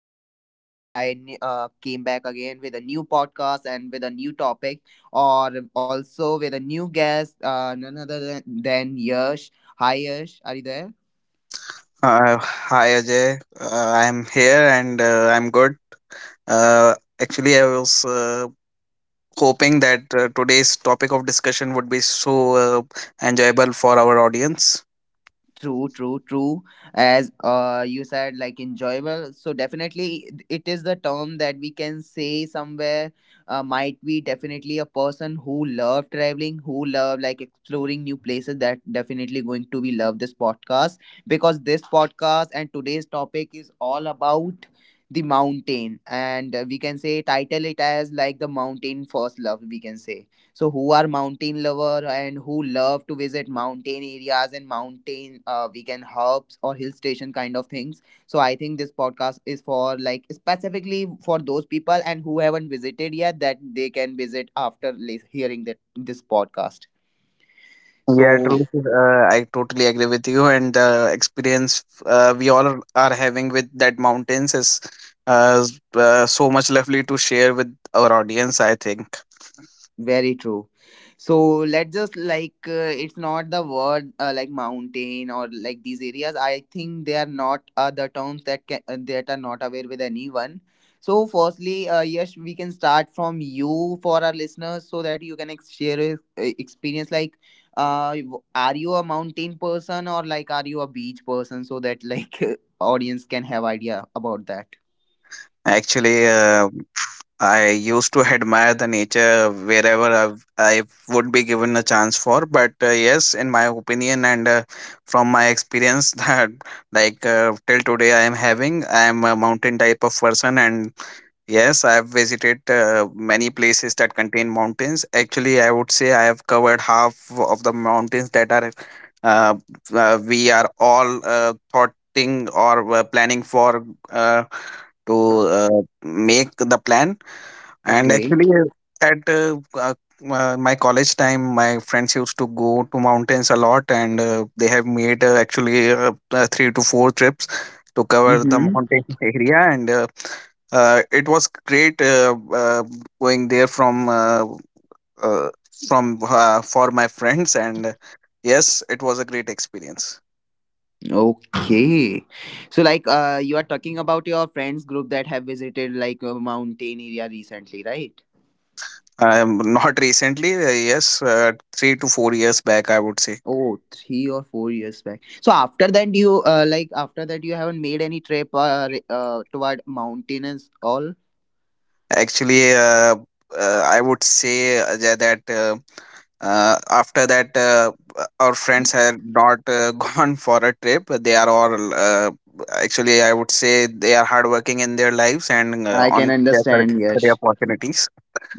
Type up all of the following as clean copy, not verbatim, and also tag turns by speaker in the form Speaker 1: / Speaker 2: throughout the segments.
Speaker 1: Side, and I came back again with a new podcast and with a new topic, or also with a new guest, none other than Yash. Hi Yash, are you there?
Speaker 2: Hi Ajay, I'm here and I'm good. Uh, actually, I was hoping that today's topic of discussion would be so enjoyable for our audience.
Speaker 1: True, true, true. As you said, like enjoyable. So definitely, it is the term that we can say somewhere. Might be definitely a person who love traveling, who love like exploring new places. That definitely going to be love this podcast, because this podcast and today's topic is all about the mountain, and we can say title it as like the mountain first love. We can say. So, who are mountain lover and who love to visit mountain areas and mountain weekend hubs or hill station kind of things. So, I think this podcast is for like specifically for those people and who haven't visited yet, that they can visit after hearing that this podcast.
Speaker 2: Yeah,
Speaker 1: So,
Speaker 2: true. I totally agree with you, and the experience we all are having with that mountains is so much lovely to share with our audience. I think
Speaker 1: very true. So let's just like it's not the word like mountain or like these areas. I think they are not the terms that can that are not aware with anyone. So firstly, yes, we can start from you for our listeners so that you can share your, experience. Like, are you a mountain person or like are you a beach person so that like audience can have idea about that.
Speaker 2: actually, I used to admire the nature wherever I would be given a chance for. But yes, in my opinion and from my experience, that like till today I am a mountain type of person. And yes, I have visited many places that contain mountains. Actually, I would say I have covered half of the mountains that are uh, we are all thoughting or planning for, uh, to, uh, make the plan. And
Speaker 1: Okay.
Speaker 2: actually, at my college time, my friends used to go to mountains a lot, and they have made actually three to four trips to cover the
Speaker 1: Mm-hmm.
Speaker 2: mountain area, and it was great going there uh, from for my friends, and yes, it was a great experience.
Speaker 1: Okay. So like you are talking about your friends group that have visited like a mountain area recently, right?
Speaker 2: Not recently, yes, 3 to 4 years back, I would say.
Speaker 1: Oh, 3 or 4 years back. So after that you like after that you haven't made any trip toward mountains all?
Speaker 2: Actually, I would say tha- that after that, our friends are not gone for a trip. They are all actually, I would say, they are hardworking in their lives and
Speaker 1: I can
Speaker 2: on their career
Speaker 1: understand,
Speaker 2: career
Speaker 1: yes.
Speaker 2: opportunities.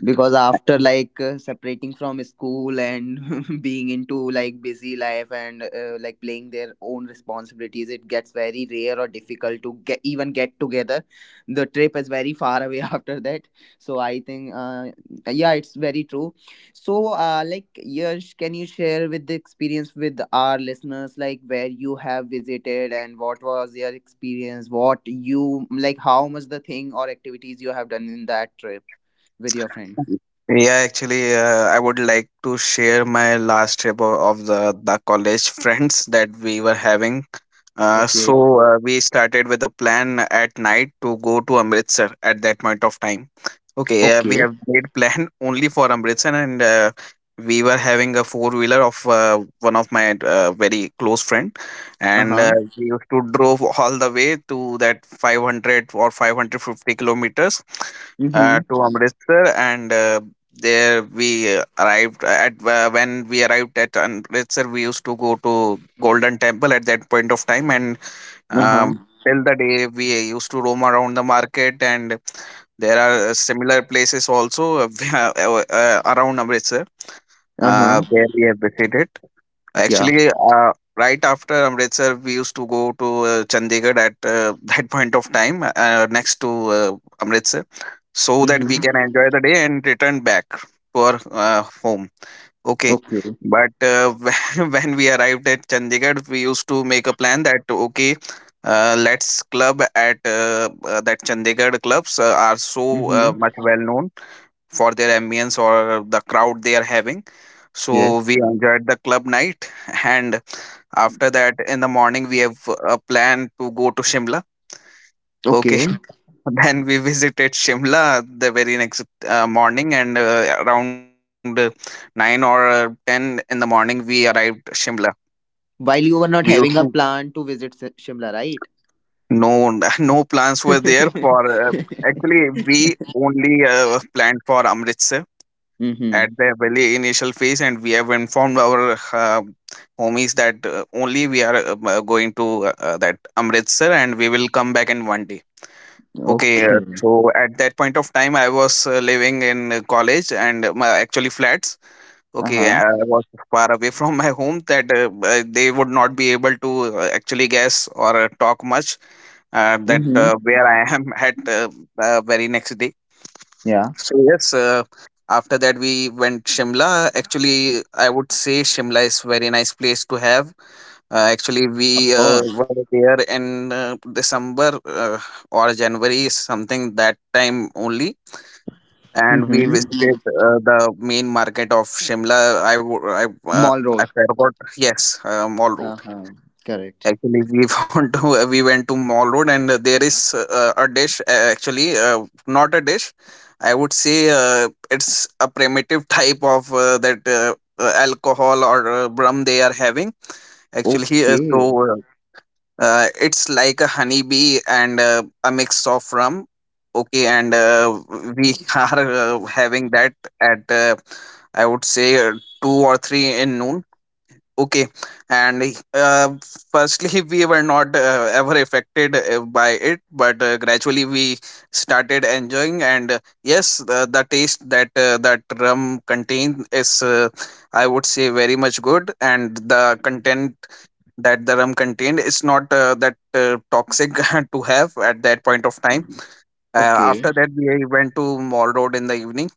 Speaker 1: Because after like separating from school and being into like busy life and like playing their own responsibilities, it gets very rare or difficult to get even get together. The trip is very far away after that, so I think yeah, it's very true. So like Yash, can you share with the experience with our listeners, like where you have visited and what was your experience, what you like, how much the thing or activities you have done in that trip with your friend.
Speaker 2: Yeah, actually, I would like to share my last trip of the college friends that we were having. Uh, so
Speaker 1: Okay.
Speaker 2: uh, we started with a plan at night to go to Amritsar at that point of time. Okay, we
Speaker 1: Okay.
Speaker 2: have made plan only for Amritsar, and we were having a four wheeler of one of my very close friend,
Speaker 1: Uh
Speaker 2: and
Speaker 1: huh.
Speaker 2: we used to drove all the way to that 500 or 550 kilometers
Speaker 1: Mm hmm.
Speaker 2: to Amritsar, and there we arrived at when we arrived at Amritsar we used to go to Golden Temple at that point of time and
Speaker 1: Uh huh.
Speaker 2: um, till the day we used to roam around the market. And there are similar places also around Amritsar
Speaker 1: Uh huh.
Speaker 2: where we have visited.
Speaker 1: Yeah.
Speaker 2: Actually, right after Amritsar, we used to go to Chandigarh at that point of time next to Amritsar so
Speaker 1: Mm
Speaker 2: that we can
Speaker 1: hmm.
Speaker 2: enjoy the day and return back to our home. Okay.
Speaker 1: Okay.
Speaker 2: But when we arrived at Chandigarh, we used to make a plan that, okay, let's club at that Chandigarh clubs are
Speaker 1: Mm
Speaker 2: so
Speaker 1: hmm.
Speaker 2: much well known for their ambience or the crowd they are having.
Speaker 1: Yes.
Speaker 2: So we enjoyed the club night, and after that, in the morning, we have a plan to go to Shimla. Okay,
Speaker 1: Okay.
Speaker 2: then we visited Shimla the very next morning, and around nine or ten in the morning, we arrived Shimla.
Speaker 1: While you
Speaker 2: We
Speaker 1: were
Speaker 2: used
Speaker 1: not
Speaker 2: to-
Speaker 1: having a plan to visit Shimla, right?
Speaker 2: no no plans
Speaker 1: Mm
Speaker 2: were there for actually we only planned for Amritsar at
Speaker 1: hmm.
Speaker 2: the very initial phase and we have informed our homies that only we are going to that amritsar and we will come back in one day. Okay. uh,
Speaker 1: Okay.
Speaker 2: so at that point of time I was living in college and my actually flats.
Speaker 1: Uh
Speaker 2: Okay.
Speaker 1: huh.
Speaker 2: I was far away from my home that they would not be able to actually guess or talk much that
Speaker 1: Mm hmm.
Speaker 2: where I am at very next.
Speaker 1: Yeah.
Speaker 2: So yes, after that we went Shimla. Actually, I would say Shimla is very nice place to have. Actually,
Speaker 1: Of
Speaker 2: we
Speaker 1: course.
Speaker 2: were there in December or January, something that time only,
Speaker 1: Mm
Speaker 2: and we
Speaker 1: hmm.
Speaker 2: visited the main market of Shimla. I wo-
Speaker 1: Mall
Speaker 2: I
Speaker 1: Road.
Speaker 2: forgot. Yes, all.
Speaker 1: Uh huh. Correct.
Speaker 2: Actually, we went to we went to Mall Road, and there is a dish. Actually, not a dish. I would say it's a primitive type of that alcohol or rum they are having. Actually,
Speaker 1: Okay.
Speaker 2: it's like a honeybee and a mix of rum. Okay, and we are having that at I would say two or three in noon. Okay, and firstly, we were not ever affected by it, but gradually we started enjoying. And yes, the taste that that rum contained is, I would say, very much good. And the content that the rum contained is not that toxic to have at that point of time. After
Speaker 1: Okay.
Speaker 2: that, we went to Mall Road in the evening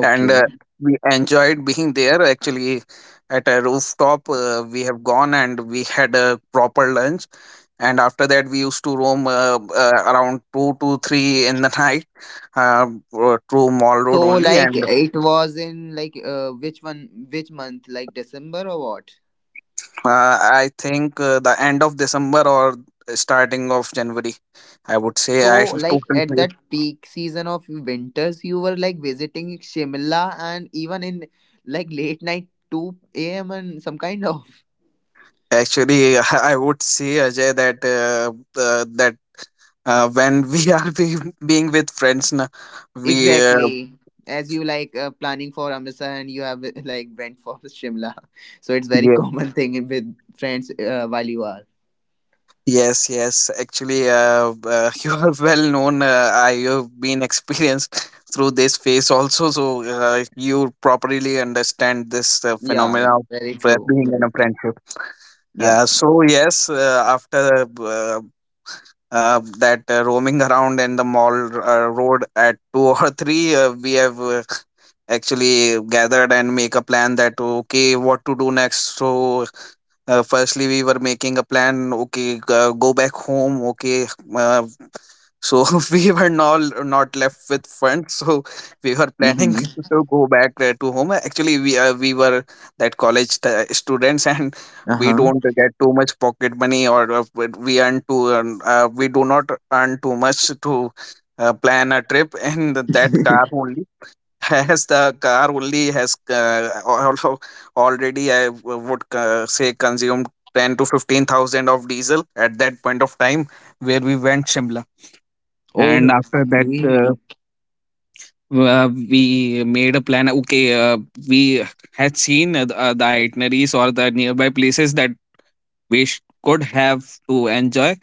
Speaker 2: and we enjoyed being there actually at a rooftop. We have gone and we had a proper lunch and after that we used to roam around 2 to 3 in the night, uh, through mall
Speaker 1: So,
Speaker 2: road only.
Speaker 1: like,
Speaker 2: And
Speaker 1: it was in like which one? Which month? Like December or what?
Speaker 2: I think the end of december or starting of january, I would say.
Speaker 1: So,
Speaker 2: I
Speaker 1: like at
Speaker 2: totally
Speaker 1: that peak season of winters, you were like visiting Shimla and even in like late night 2 a.m. and some kind of.
Speaker 2: Actually I would say ajay that uh, that when we being with friends na, we
Speaker 1: Exactly. As you like planning for Amritsar and you have like went for Shimla. So, it's very
Speaker 2: Yes,
Speaker 1: common thing with friends while you are.
Speaker 2: yes, yes. Actually, you are well known. I have been experienced through this phase also, so you properly understand this
Speaker 1: Yeah,
Speaker 2: phenomena
Speaker 1: yeah. Very
Speaker 2: of
Speaker 1: true.
Speaker 2: being in
Speaker 1: Very,
Speaker 2: a friendship.
Speaker 1: yeah.
Speaker 2: So yes, after that roaming around in the mall road at two or three, we have actually gathered and make a plan that okay, what to do next. So firstly we were making a plan, okay, go back home. Okay, uh, so we were not left with funds, so we were planning
Speaker 1: Mm-hmm.
Speaker 2: to go back to home. Actually we were that college students. And
Speaker 1: Uh
Speaker 2: we
Speaker 1: huh.
Speaker 2: don't get too much pocket money, or but we do not earn too much to plan a trip and that car only. As the car only has already, would say, consumed 10 to 15,000 of diesel at that point of time where we went Shimla. And after that,
Speaker 1: Okay.
Speaker 2: we made a plan. Okay, we had seen the itineraries or the nearby places that we could have to enjoy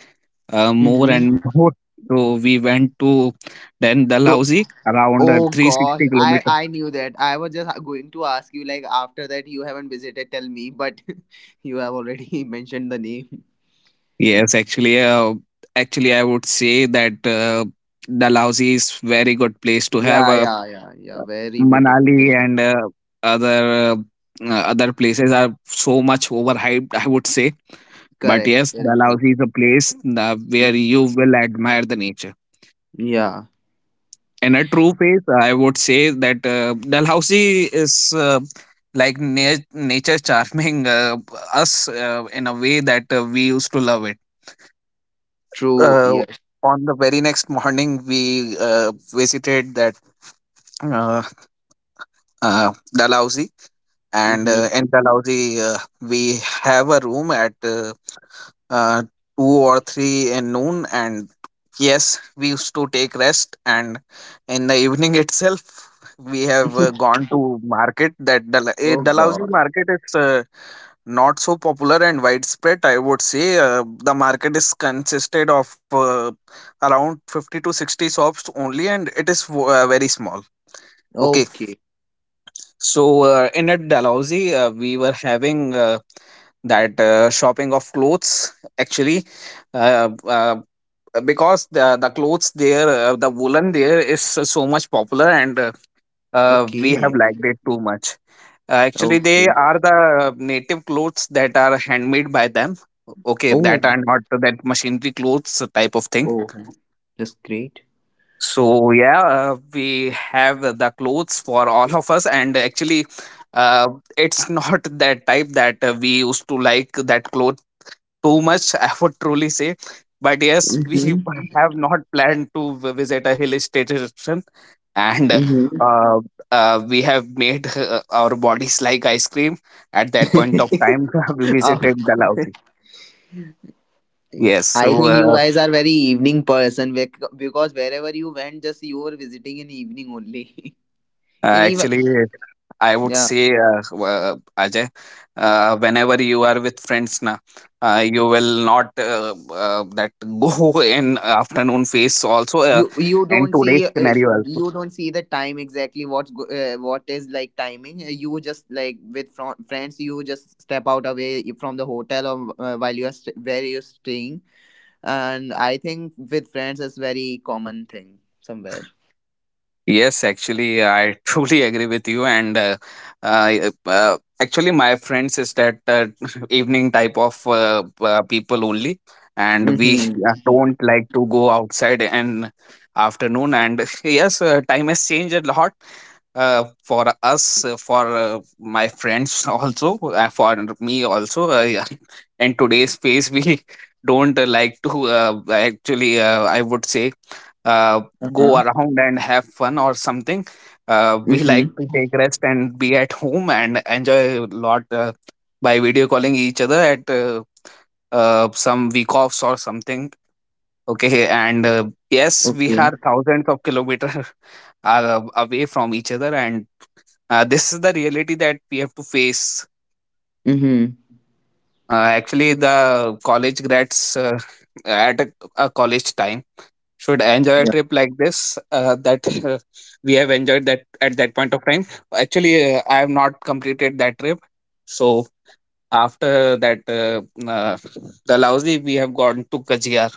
Speaker 2: more
Speaker 1: Mm-hmm.
Speaker 2: and more. So we went to then
Speaker 1: So,
Speaker 2: Dalhousie around
Speaker 1: oh gosh,
Speaker 2: 360
Speaker 1: I
Speaker 2: kilometers.
Speaker 1: I knew that. I was just going to ask you like after that you haven't visited, tell me, but you have already mentioned the name.
Speaker 2: Yes, actually, I would say that Dalhousie is very good place to have.
Speaker 1: Yeah, yeah, yeah, yeah. Very beautiful.
Speaker 2: Manali
Speaker 1: David.
Speaker 2: and other uh, other places are so much overhyped, I would say. But
Speaker 1: Correct.
Speaker 2: yes,
Speaker 1: Very true.
Speaker 2: Dalhousie is a place where
Speaker 1: Hmm.
Speaker 2: you will admire the nature.
Speaker 1: Yeah.
Speaker 2: In a true phase, I would say that Dalhousie is like nature charming us in a way that we used to love it.
Speaker 1: True.
Speaker 2: Uh,
Speaker 1: Yes.
Speaker 2: on the very next morning, we visited that uh, Dalhousie, and
Speaker 1: Hmm.
Speaker 2: in Dalhousie, we have a room at two or three in noon. And yes, we used to take rest, and in the evening itself, we have gone to market. That
Speaker 1: Oh
Speaker 2: Dalhousie
Speaker 1: God.
Speaker 2: market is not so popular and widespread, I would say. The market is consisted of around 50 to 60 shops only and it is very small. Okay,
Speaker 1: Okay.
Speaker 2: so in at dalhousie we were having that shopping of clothes actually, uh, uh, because the clothes there, the woolen there is so much popular and we have
Speaker 1: Okay.
Speaker 2: liked it too much. Actually, they
Speaker 1: Okay.
Speaker 2: are the native clothes that are handmade by them. Okay,
Speaker 1: Oh.
Speaker 2: that are not that machinery clothes type of thing.
Speaker 1: Oh. That's great.
Speaker 2: So yeah, we have the clothes for all of us, and actually, uh, it's not that type that we used to like that cloth too much. I would truly say, but yes, we
Speaker 1: Mm-hmm.
Speaker 2: have not planned to visit a hill station. And
Speaker 1: Mm-hmm.
Speaker 2: uh, we have made our bodies like ice cream at that point of time we visited
Speaker 1: Of course.
Speaker 2: dalhousie. Yes, so
Speaker 1: I think you guys are very evening person because wherever you went, just you were visiting in evening only. In even
Speaker 2: actually I would
Speaker 1: yeah,
Speaker 2: say uh, ajay, whenever you are with friends na, you will not that go in afternoon phase also,
Speaker 1: you you
Speaker 2: and
Speaker 1: don't
Speaker 2: today's
Speaker 1: see uh,
Speaker 2: scenario also.
Speaker 1: you don't see the time exactly what's go, what is like timing. You just like with friends, you just step out away from the hotel or while you are where you're staying, and I think with friends is very common thing somewhere.
Speaker 2: Yes, actually, I truly agree with you. And actually, my friends is that evening type of people only, and we
Speaker 1: Mm-hmm.
Speaker 2: don't like to go outside in afternoon. And yes, time has changed a lot, for us for my friends also, for me also, yeah. In today's space we don't like to, actually, I would say, uh,
Speaker 1: Uh
Speaker 2: go
Speaker 1: huh.
Speaker 2: around and have fun or something. We like to
Speaker 1: Mm-hmm.
Speaker 2: take rest and be at home and enjoy a lot, by video calling each other at some week offs or something. Okay, and yes, we
Speaker 1: Okay.
Speaker 2: are thousands of kilometers away from each other, and this is the reality that we have to face.
Speaker 1: Mm-hmm.
Speaker 2: Actually, the college grads, at a college time should enjoy a trip like this, that we have enjoyed that at that point of time. Actually, I have not completed that trip, so after that, uh, the lousy we have gone to Kajiar.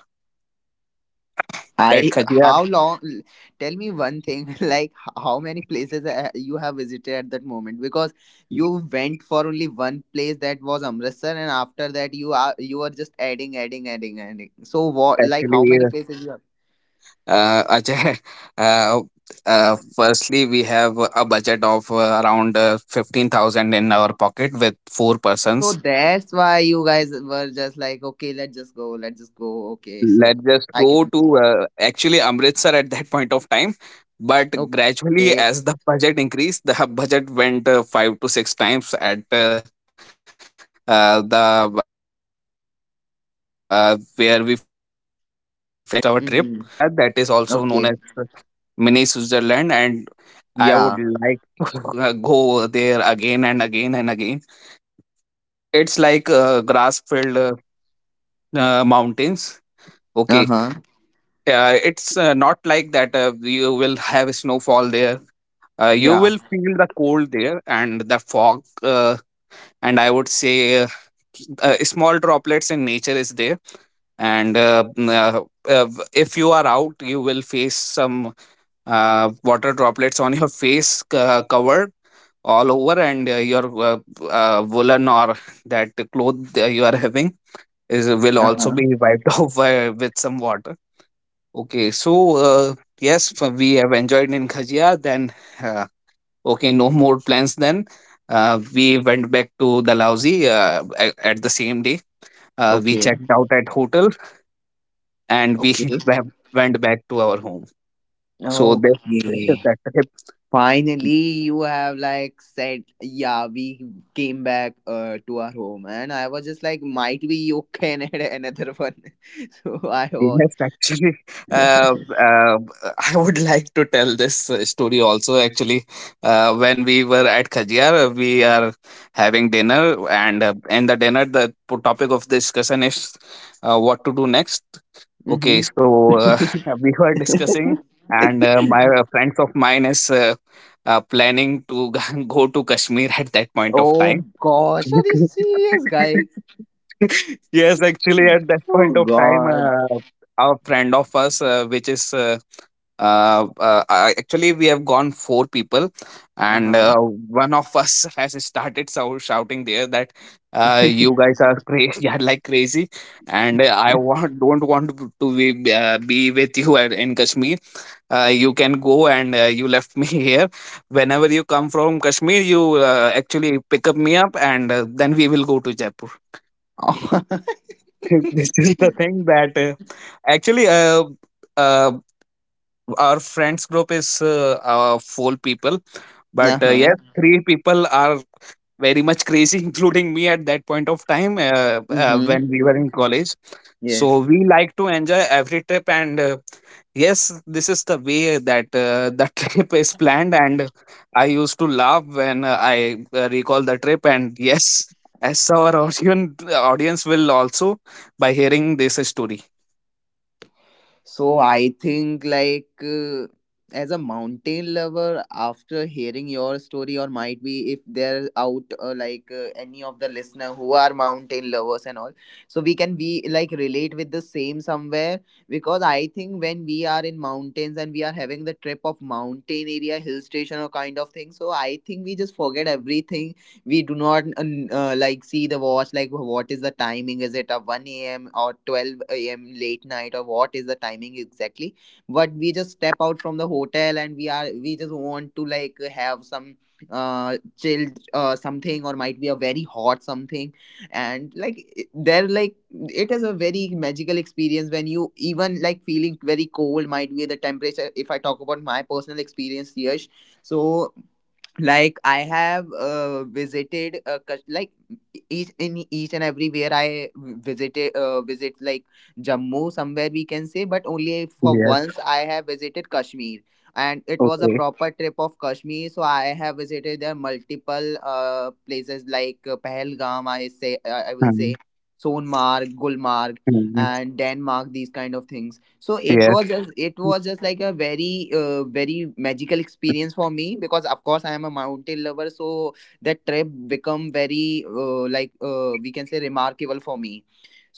Speaker 2: That
Speaker 1: I
Speaker 2: Kajiar,
Speaker 1: how long? Tell me one thing. Like how many places you have visited at that moment? Because you went for only one place that was Amritsar, and after that you are just adding, adding, adding, adding. So what? Like how
Speaker 2: actually,
Speaker 1: many places you have?
Speaker 2: Ajay, uh, firstly, we have a budget of around 15,000 in our pocket with four
Speaker 1: So
Speaker 2: persons.
Speaker 1: that's why you guys were just like, okay, let's just go, let's just go. Okay,
Speaker 2: Let's
Speaker 1: so
Speaker 2: just
Speaker 1: I can
Speaker 2: go
Speaker 1: understand.
Speaker 2: to, actually, Amritsar at that point of time. But
Speaker 1: Okay.
Speaker 2: gradually, as the budget increased, the budget went five to six times at the where we finished our trip. Okay. So after Dalhousie, we went to
Speaker 1: Mm-hmm.
Speaker 2: Khatia, that is also known
Speaker 1: Okay.
Speaker 2: as mini Switzerland, and I
Speaker 1: Yeah.
Speaker 2: would like to go there again and again and again. It's like, grass-filled, mountains. Okay,
Speaker 1: Uh-huh.
Speaker 2: it's not like that. You will have snowfall there.
Speaker 1: Yeah.
Speaker 2: You will feel the cold there and the fog. And I would say small droplets in nature is there, and if you are out you will face some water droplets on your face, cover all over, and your woolen or that cloth that you are having is will
Speaker 1: Uh-huh.
Speaker 2: also be wiped off by, with some water. Okay, so yes, we have enjoyed in Khajia. Then uh, okay, no more plans. Then we went back to Dalhousie, at the same day. We
Speaker 1: Okay.
Speaker 2: checked out at hotel, and we
Speaker 1: Okay.
Speaker 2: went back to our home. So this is
Speaker 1: Okay.
Speaker 2: that trip.
Speaker 1: Finally, you have like said, yeah, we came back to our home, and I was just like, might be you can add another one. So I was,
Speaker 2: Yes, actually, uh, uh, I would like to tell this story also. Actually, when we were at Khajiar, we are having dinner, and in the dinner, the topic of discussion is, what to do next. Okay,
Speaker 1: mm-hmm.
Speaker 2: so we were discussing, and my friends of mine is planning to go to Kashmir at that point of
Speaker 1: Oh
Speaker 2: time.
Speaker 1: gosh, are you serious, guys?
Speaker 2: Yes, actually, at that
Speaker 1: Oh
Speaker 2: point of time,
Speaker 1: god.
Speaker 2: our friend of us, which is actually, we have gone four people,
Speaker 1: Uh
Speaker 2: and
Speaker 1: huh.
Speaker 2: one of us has started shouting there that, you guys are crazy, are like crazy, and I want don't want to be with you at, in Kashmir. You can go, and you left me here. Whenever you come from Kashmir, you, actually, pick up me up, and then we will go to Jaipur. This is the thing that, actually, uh, our friends group is four people,
Speaker 1: Uh
Speaker 2: but
Speaker 1: huh.
Speaker 2: yes, three people are very much crazy, including me at that point of time, when
Speaker 1: Mm-hmm.
Speaker 2: we were in college.
Speaker 1: Yes.
Speaker 2: So we like to enjoy every trip, and yes, this is the way that the trip is planned. And I used to laugh when I recall the trip, and yes, as our audience will also by hearing this story.
Speaker 1: So I think like as a mountain lover, after hearing your story, or might be if there out like any of the listener who are mountain lovers and all, so we can be like relate with the same somewhere, because I think when we are in mountains and we are having the trip of mountain area, hill station or kind of thing, so I think we just forget everything. We do not like see the watch, like what is the timing, is it a 1 a.m or 12 a.m late night, or what is the timing exactly. But we just step out from the hotel and we are we just want to like have some chilled something, or might be a very hot something. And like it- they're like it is a very magical experience when you even like feeling very cold, might be the temperature, if I talk about my personal experience Yash. So like I have visited like each in each and everywhere I visited visit like Jammu somewhere we can say, but only for
Speaker 2: Yes.
Speaker 1: once I have visited Kashmir, and it was a
Speaker 2: Okay.
Speaker 1: proper trip of Kashmir. So I have visited there multiple places like Pahalgam I say, I will say
Speaker 2: Mm,
Speaker 1: Sonmarg, Gulmarg,
Speaker 2: mm.
Speaker 1: and Denmark, these kind of things. So it
Speaker 2: Yes.
Speaker 1: was just, it was just like a very very magical experience for me, because of course I am a mountain lover. So that trip become very like we can say remarkable for me.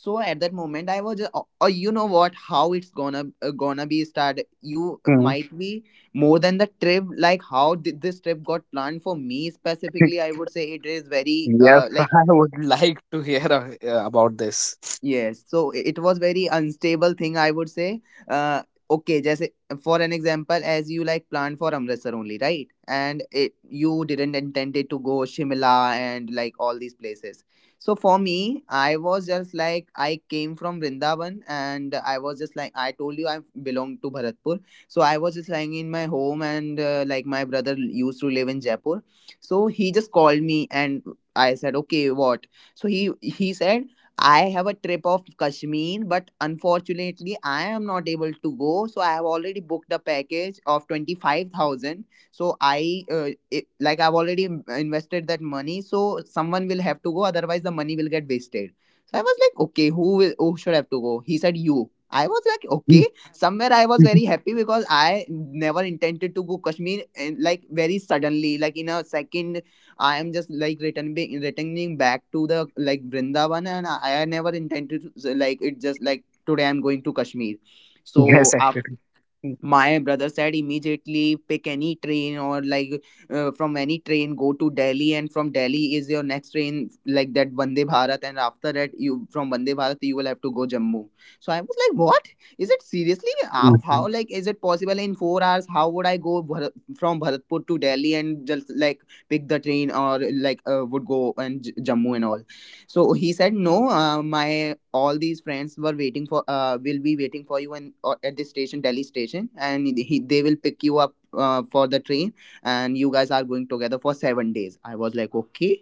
Speaker 1: So at that moment I was just, oh, oh, you know what, how it's gonna gonna be start, you
Speaker 2: Mm.
Speaker 1: might be more than the trip, like how did this trip got planned for me specifically, I would say it is very
Speaker 2: Yes,
Speaker 1: like.
Speaker 2: I would like to hear about this.
Speaker 1: Yes, so it was very unstable thing, I would say. Uh, okay, just for an example, as you like planned for Amritsar only, right? And it you didn't intend it to go Shimla and like all these places. So for me, I was just like I came from Vrindavan, and I was just like I told you I belong to Bharatpur. So I was just lying in my home, and like my brother used to live in Jaipur. So he just called me, and I said, okay, what? So he said, I have a trip of Kashmir, but unfortunately, I am not able to go. So I have already booked a package of 25,000. So I, it, like, I've already invested that money. So someone will have to go, otherwise the money will get wasted. So I was like, okay, who will, who should have to go? He said, you. I was like, okay. Somewhere I was very happy because I never intended to go Kashmir, and like very suddenly, like in a second I am just like returning back to the like Vrindavan, and I never intended to like it. Just like today, I'm going to Kashmir. So
Speaker 2: Yes, actually. Mhm.
Speaker 1: my brother said immediately pick any train or like from any train go to Delhi, and from Delhi is your next train, like that Vande Bharat, and after that you from Vande Bharat you will have to go Jammu. So I was like, what is it seriously? How like is it possible in 4 hours? How would I go Bharat, from Bharatpur to Delhi, and just like pick the train or like would go and Jammu and all? So he said, "No, my all these friends were waiting for, will be waiting for you and or at the station, Delhi station, and he, they will pick you up for the train, and you guys are going together for 7 days." I was like, "Okay,"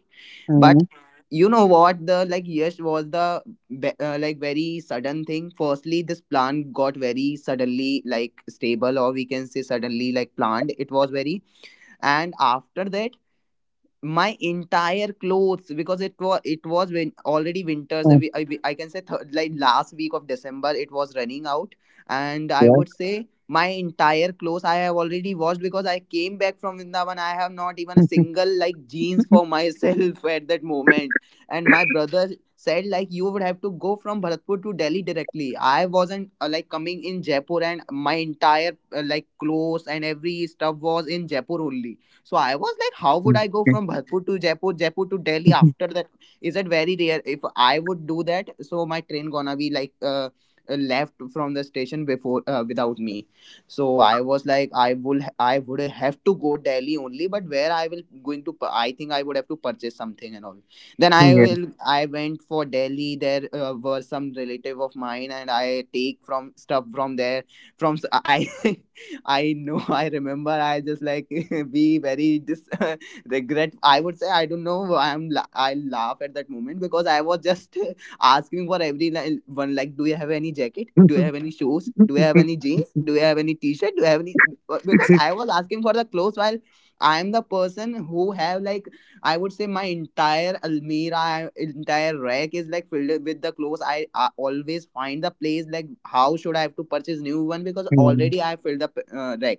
Speaker 1: but
Speaker 2: Mhm.
Speaker 1: you know what? The like yes was the like very sudden thing. Firstly, this plan got very suddenly like stable, or we can say suddenly like planned. It was very. And after that, my entire clothes, because it was when already winters,
Speaker 2: Mhm.
Speaker 1: I can say like last week of December, it was running out. And I
Speaker 2: Yeah.
Speaker 1: would say my entire clothes I have already washed because I came back from Vrindavan. I have not even a single like jeans for myself at that moment. And my brother said like you would have to go from Bharatpur to Delhi directly. I wasn't like coming in Jaipur, and my entire like clothes and every stuff was in Jaipur only. So I was like, how would I go
Speaker 2: Okay.
Speaker 1: from Bharpur to Jaipur, Jaipur to Delhi after that? Is it very rare? If I would do that, so my train gonna be like left from the station before, without me. So I was like, I will, I would have to go Delhi only, but where I will going to, I think I would have to purchase something and all. Then I went for Delhi. There were some relative of mine, and I take from stuff from there. I I know, I remember. I just like be very regret. I would say I don't know. I laugh at that moment because I was just asking for every one like, do you have any jacket?
Speaker 2: Yes.
Speaker 1: Do you have any shoes? Do you have any jeans? Do you have any t-shirt? Do you have any? Because I was asking for the clothes while I'm the person who have like, I would say, my entire Almirah, entire rack is like filled with the clothes. I always find the place like how should I have to purchase new one because
Speaker 2: Mm.
Speaker 1: already I filled the rack.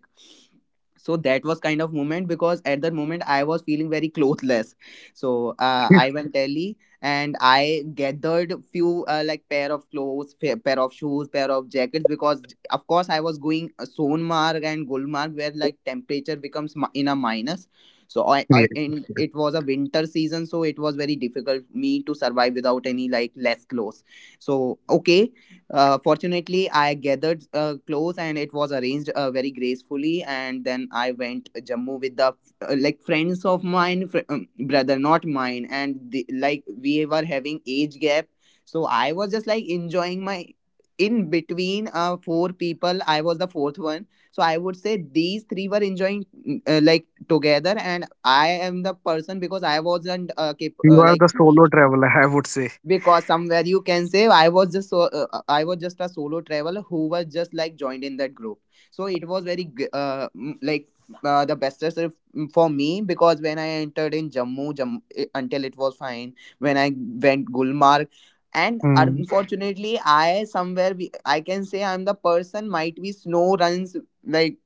Speaker 1: So that was kind of moment because at that moment I was feeling very clothless. So
Speaker 2: Yes.
Speaker 1: I went Delhi and I gathered few like pair of clothes, pair of shoes, pair of jackets, because of course I was going Sonmarg and Gulmarg, where like temperature becomes in a minus. So I and it was a winter season, so it was very difficult me to survive without any like less clothes. So okay, fortunately I gathered clothes, and it was arranged very gracefully, and then I went Jammu with the like friends of mine, brother not mine, and the, like, we were having age gap. So I was just like enjoying my, in between four people I was the fourth one. So I would say these three were enjoying like together, and I am the person because I wasn't
Speaker 2: You are the
Speaker 1: like
Speaker 2: solo traveler, I would say.
Speaker 1: because somewhere you can say I was just so, I was just a solo traveler who was just like joined in that group. So it was very like the bestest for me because when I entered in Jammu, until it was fine when I went Gulmarg, and
Speaker 2: Mm.
Speaker 1: unfortunately I, somewhere we, I can say I'm the person might be snow runs, like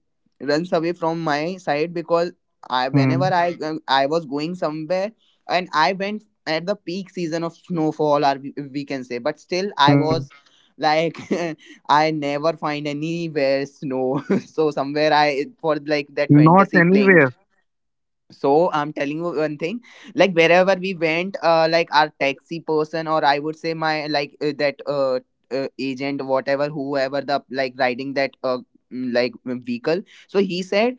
Speaker 1: runs away from my side because I, whenever
Speaker 2: Mm.
Speaker 1: I I was going somewhere, and I went at the peak season of snowfall, or we can say, but still I
Speaker 2: Mm.
Speaker 1: was like, I never find anywhere snow. So somewhere I for like that
Speaker 2: Not
Speaker 1: fantasy playing.
Speaker 2: anywhere.
Speaker 1: So I'm telling you one thing, like wherever we went, like our taxi person, or I would say, my like that agent, whatever, whoever the like riding that like vehicle. So he said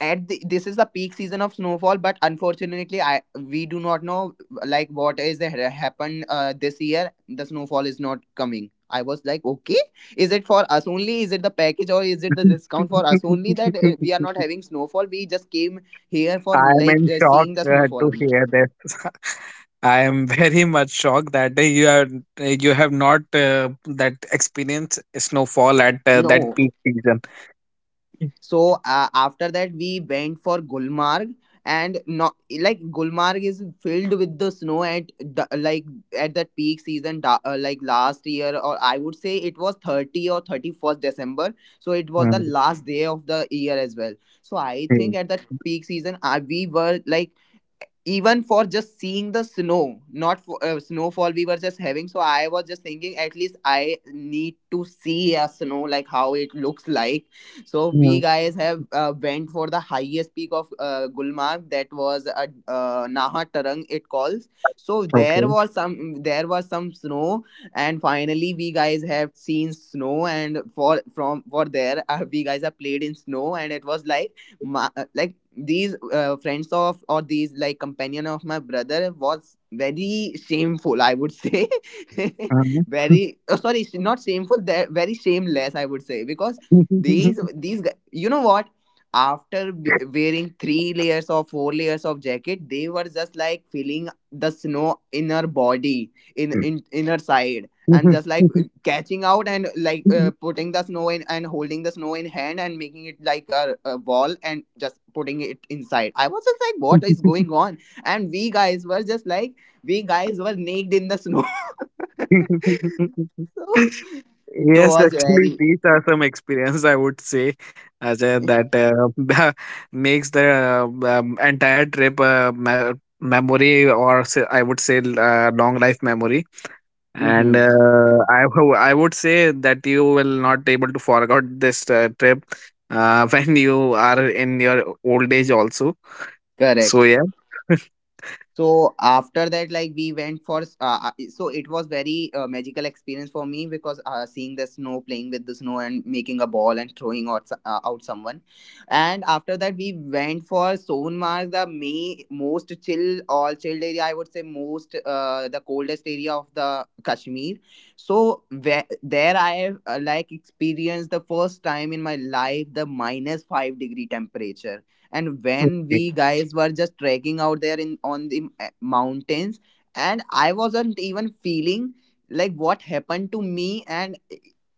Speaker 1: at the, this is the peak season of snowfall, but unfortunately, I, we do not know like what is the happened, this year the snowfall is not coming. I was like, okay, is it for us only? Is it the package, or is it the discount for us only, that we are not having snowfall? We just came here for
Speaker 2: I am
Speaker 1: like
Speaker 2: in shock
Speaker 1: seeing the snowfall
Speaker 2: to
Speaker 1: only.
Speaker 2: hear this. I am very much shocked that you have not that experienced snowfall at that
Speaker 1: No.
Speaker 2: peak season.
Speaker 1: So after that we went for Gulmarg, and not like Gulmarg is filled with the snow at the, like at that peak season, like last year, or I would say it was 30 or 31st December, so it was the last day of the year as well. So I
Speaker 2: Mm.
Speaker 1: think at that peak season, we were like even for just seeing the snow, not for snowfall, we were just having. So I was just thinking, at least I need to see a snow like how it looks like. So
Speaker 2: Mm,
Speaker 1: we guys have went for the highest peak of Gulmarg, that was Naha Tarang it calls. So there
Speaker 2: okay.
Speaker 1: was some, there was some snow, and finally we guys have seen snow, and for from for there, we guys have played in snow, and it was like my, like these friends of or these like companion of my brother was very shameful, I would say.
Speaker 2: Uh-huh.
Speaker 1: Very, oh, sorry, not shameful, they're very shameless, I would say, because these you know what, after wearing three layers or four layers of jacket, they were just like feeling the snow in her body, in her side, and just like catching out and like putting the snow in, and holding the snow in hand and making it like a ball, and just putting it inside. I was just like, what is going on? And we guys were just like, we guys were naked in the snow. So it
Speaker 2: Yes,
Speaker 1: was
Speaker 2: actually,
Speaker 1: very
Speaker 2: these are some experience I would say, Ajay, that makes the entire trip memory, or say, I would say, long life memory. And
Speaker 1: Mhm.
Speaker 2: I would say that you will not able to forget this trip, when you are in your old age also. So
Speaker 1: Correct.
Speaker 2: yeah.
Speaker 1: So after that, like we went for, so it was very magical experience for me, because seeing the snow, playing with the snow, and making a ball and throwing out out someone, and after that we went for Sonmarg, the may most chill, all chilled area, I would say, most the coldest area of the Kashmir. So where, there I have like experienced the first time in my life the minus five degree temperature, and when we guys were just trekking out there in on the mountains, and I wasn't even feeling like what happened to me, and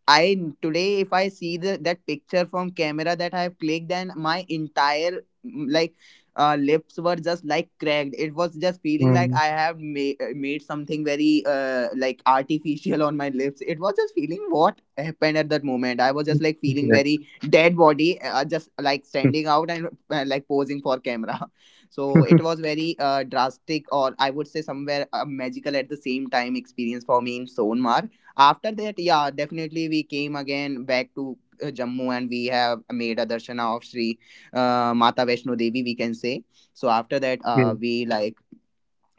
Speaker 1: I, today if I see the, that picture from camera that I have clicked, and my entire like lips were just like cracked. It was just feeling like I
Speaker 2: Okay.
Speaker 1: have made something very like artificial on my lips. It was just feeling what happened at that moment. I was
Speaker 2: Yes.
Speaker 1: just like feeling very dead body, just like standing out and like posing for camera. So it was very drastic, or I would say, somewhere magical at the same time, experience for me in Sonmar. After that, yeah, definitely we came again back to Jammu, and we have made a darshana of Sri Mata Vaishno Devi, we can say. So after that,
Speaker 2: Yes,
Speaker 1: we like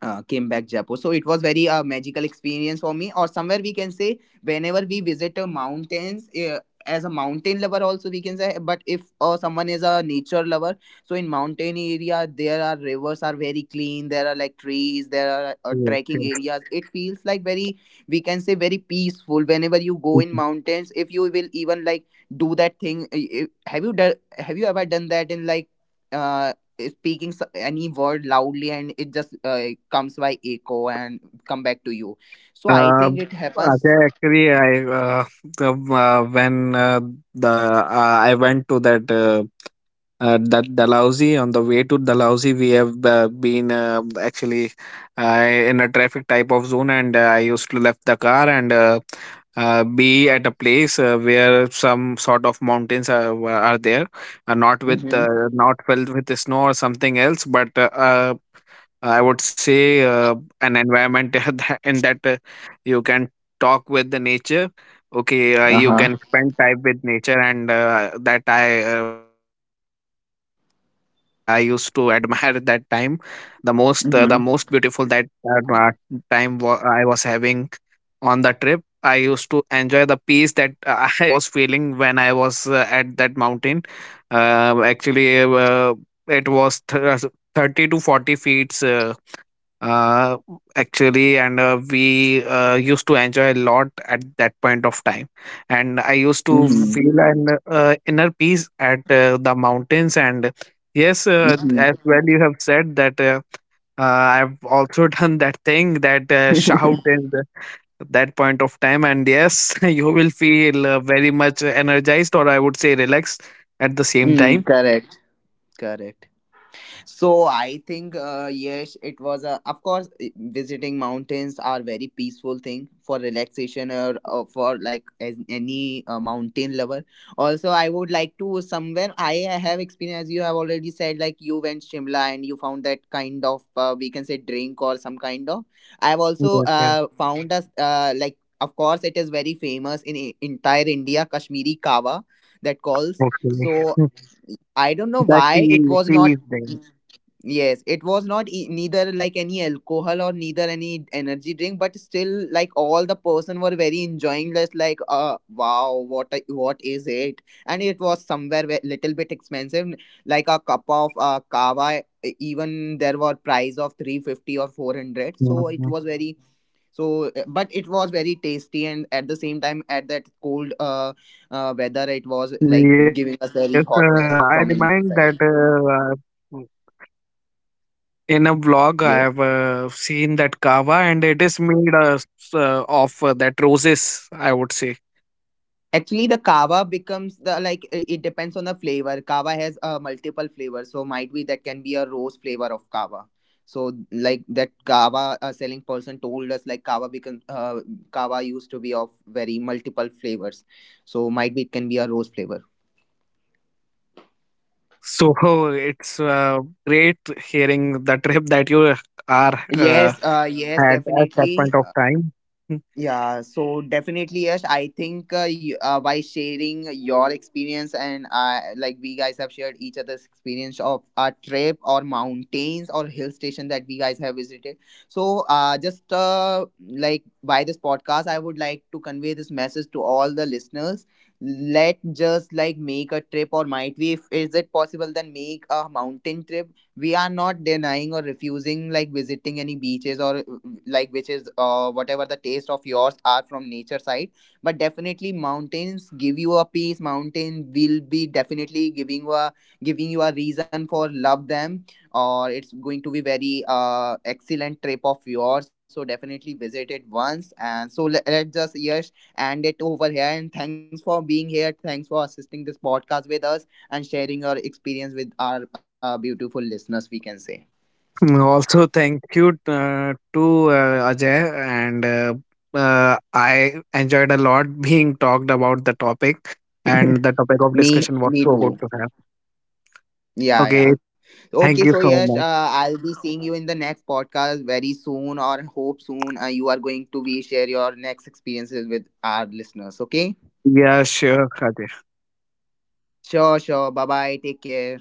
Speaker 1: came back Jaipur. So it was very magical experience for me. Or somewhere we can say whenever we visit mountains. As a mountain lover also, we can say, but if someone is a nature lover, so in mountain area, there are rivers are very clean, there are like trees, there are
Speaker 2: yes,
Speaker 1: trekking
Speaker 2: yes.
Speaker 1: areas, it feels like very, we can say, very peaceful. Whenever you go in mountains, if you will even like do that thing, have you ever done that in like uh speaking any word loudly, and it just comes by echo and come back to you? So I
Speaker 2: Uh,
Speaker 1: think it happens.
Speaker 2: Ajay, actually, I the, when the I went to that Dalhousie. On the way to Dalhousie, we have been actually in a traffic type of zone, and I used to left the car and be at a place where some sort of mountains are there, uh, not with
Speaker 1: Mm-hmm.
Speaker 2: uh, not filled with snow or something else, but I would say, an environment in that you can talk with the nature. Okay, you
Speaker 1: Uh-huh.
Speaker 2: can spend time with nature, and that I remind, and I used to admire that time the most. The most beautiful that time I was having on the trip. I used to enjoy the peace that I was feeling when I was at that mountain. Actually, it was 30 to 40 feet, uh, actually, and we used to enjoy a lot at that point of time, and I used to feel
Speaker 1: Mm-hmm.
Speaker 2: an inner peace at the mountains. And yes,
Speaker 1: Mm-hmm.
Speaker 2: as well you have said that uh, I've also done that thing, that shout, and at that point of time, and yes, you will feel very much energized, or I would say, relaxed at the same time.
Speaker 1: Mm, correct, correct. So I think, yes, it was a, of course, visiting mountains are very peaceful thing for relaxation, or for like as any mountain lover. Also, I would like to, somewhere I have experience. You have already said, like you went Shimla and you found that kind of, we can say, drink, or some kind of. I have also found
Speaker 2: Yes,
Speaker 1: us
Speaker 2: yes.
Speaker 1: like, of course it is very famous in, entire India, Kashmiri kawa that calls. So
Speaker 2: Hopefully
Speaker 1: I don't know why it was not.
Speaker 2: that tea is
Speaker 1: Yes, it was not neither like any alcohol or neither any energy drink, but still like all the person were very enjoying this. Like, wow, what what is it? And it was somewhere little bit expensive, like a cup of kava. Even there were price of 350 or 400. So it was very, so, but
Speaker 2: there.
Speaker 1: it was very tasty, and at the same time at that cold, weather, it was like giving us very
Speaker 2: Yes,
Speaker 1: hotness from
Speaker 2: I
Speaker 1: inside.
Speaker 2: remind that in a vlog I
Speaker 1: Yes.
Speaker 2: have seen that kava, and it is made, of that roses, I would say.
Speaker 1: Actually, the kava becomes the like, it depends on the flavor. Kava has multiple flavors, so might be that can be a rose flavor of kava. So like that kava selling person told us like kava become kava used to be of very multiple flavors. So might be it can be a rose flavor.
Speaker 2: So it's great hearing the trip that you
Speaker 1: Yes,
Speaker 2: are
Speaker 1: yes, definitely.
Speaker 2: had at that point of
Speaker 1: Yeah,
Speaker 2: time.
Speaker 1: so definitely, Yash, I think you, by sharing your experience, and like we guys have shared each other's experience of a trip or mountains or hill station that we guys have visited. So, just like by this podcast, I would like to convey this message to all the listeners. Let just like make a trip, or might be, if is it possible, then make a mountain trip. We are not denying or refusing like visiting any beaches or like which is whatever the taste of yours are from nature side, but definitely mountains give you a peace. Mountain will be definitely giving you a, giving you a reason for love them, or it's going to be very excellent trip of yours. So definitely visit it once. And so let, let's just, yes, end it over here, and thanks for being here, thanks for assisting this podcast with us, and sharing your experience with our beautiful listeners, we can say.
Speaker 2: Also, thank you to Ajay, and I enjoyed a lot being talked about the topic, and the topic of
Speaker 1: Me,
Speaker 2: discussion was
Speaker 1: me
Speaker 2: so good
Speaker 1: too.
Speaker 2: to have.
Speaker 1: Yeah,
Speaker 2: Okay.
Speaker 1: yeah. Okay,
Speaker 2: Thank
Speaker 1: so
Speaker 2: you so
Speaker 1: yes,
Speaker 2: much.
Speaker 1: I'll be seeing you in the next podcast very soon, or hope soon you are going to be share your next experiences with our listeners. Okay.
Speaker 2: Yeah, sure, Khadija.
Speaker 1: Sure, sure. Bye bye. Take care.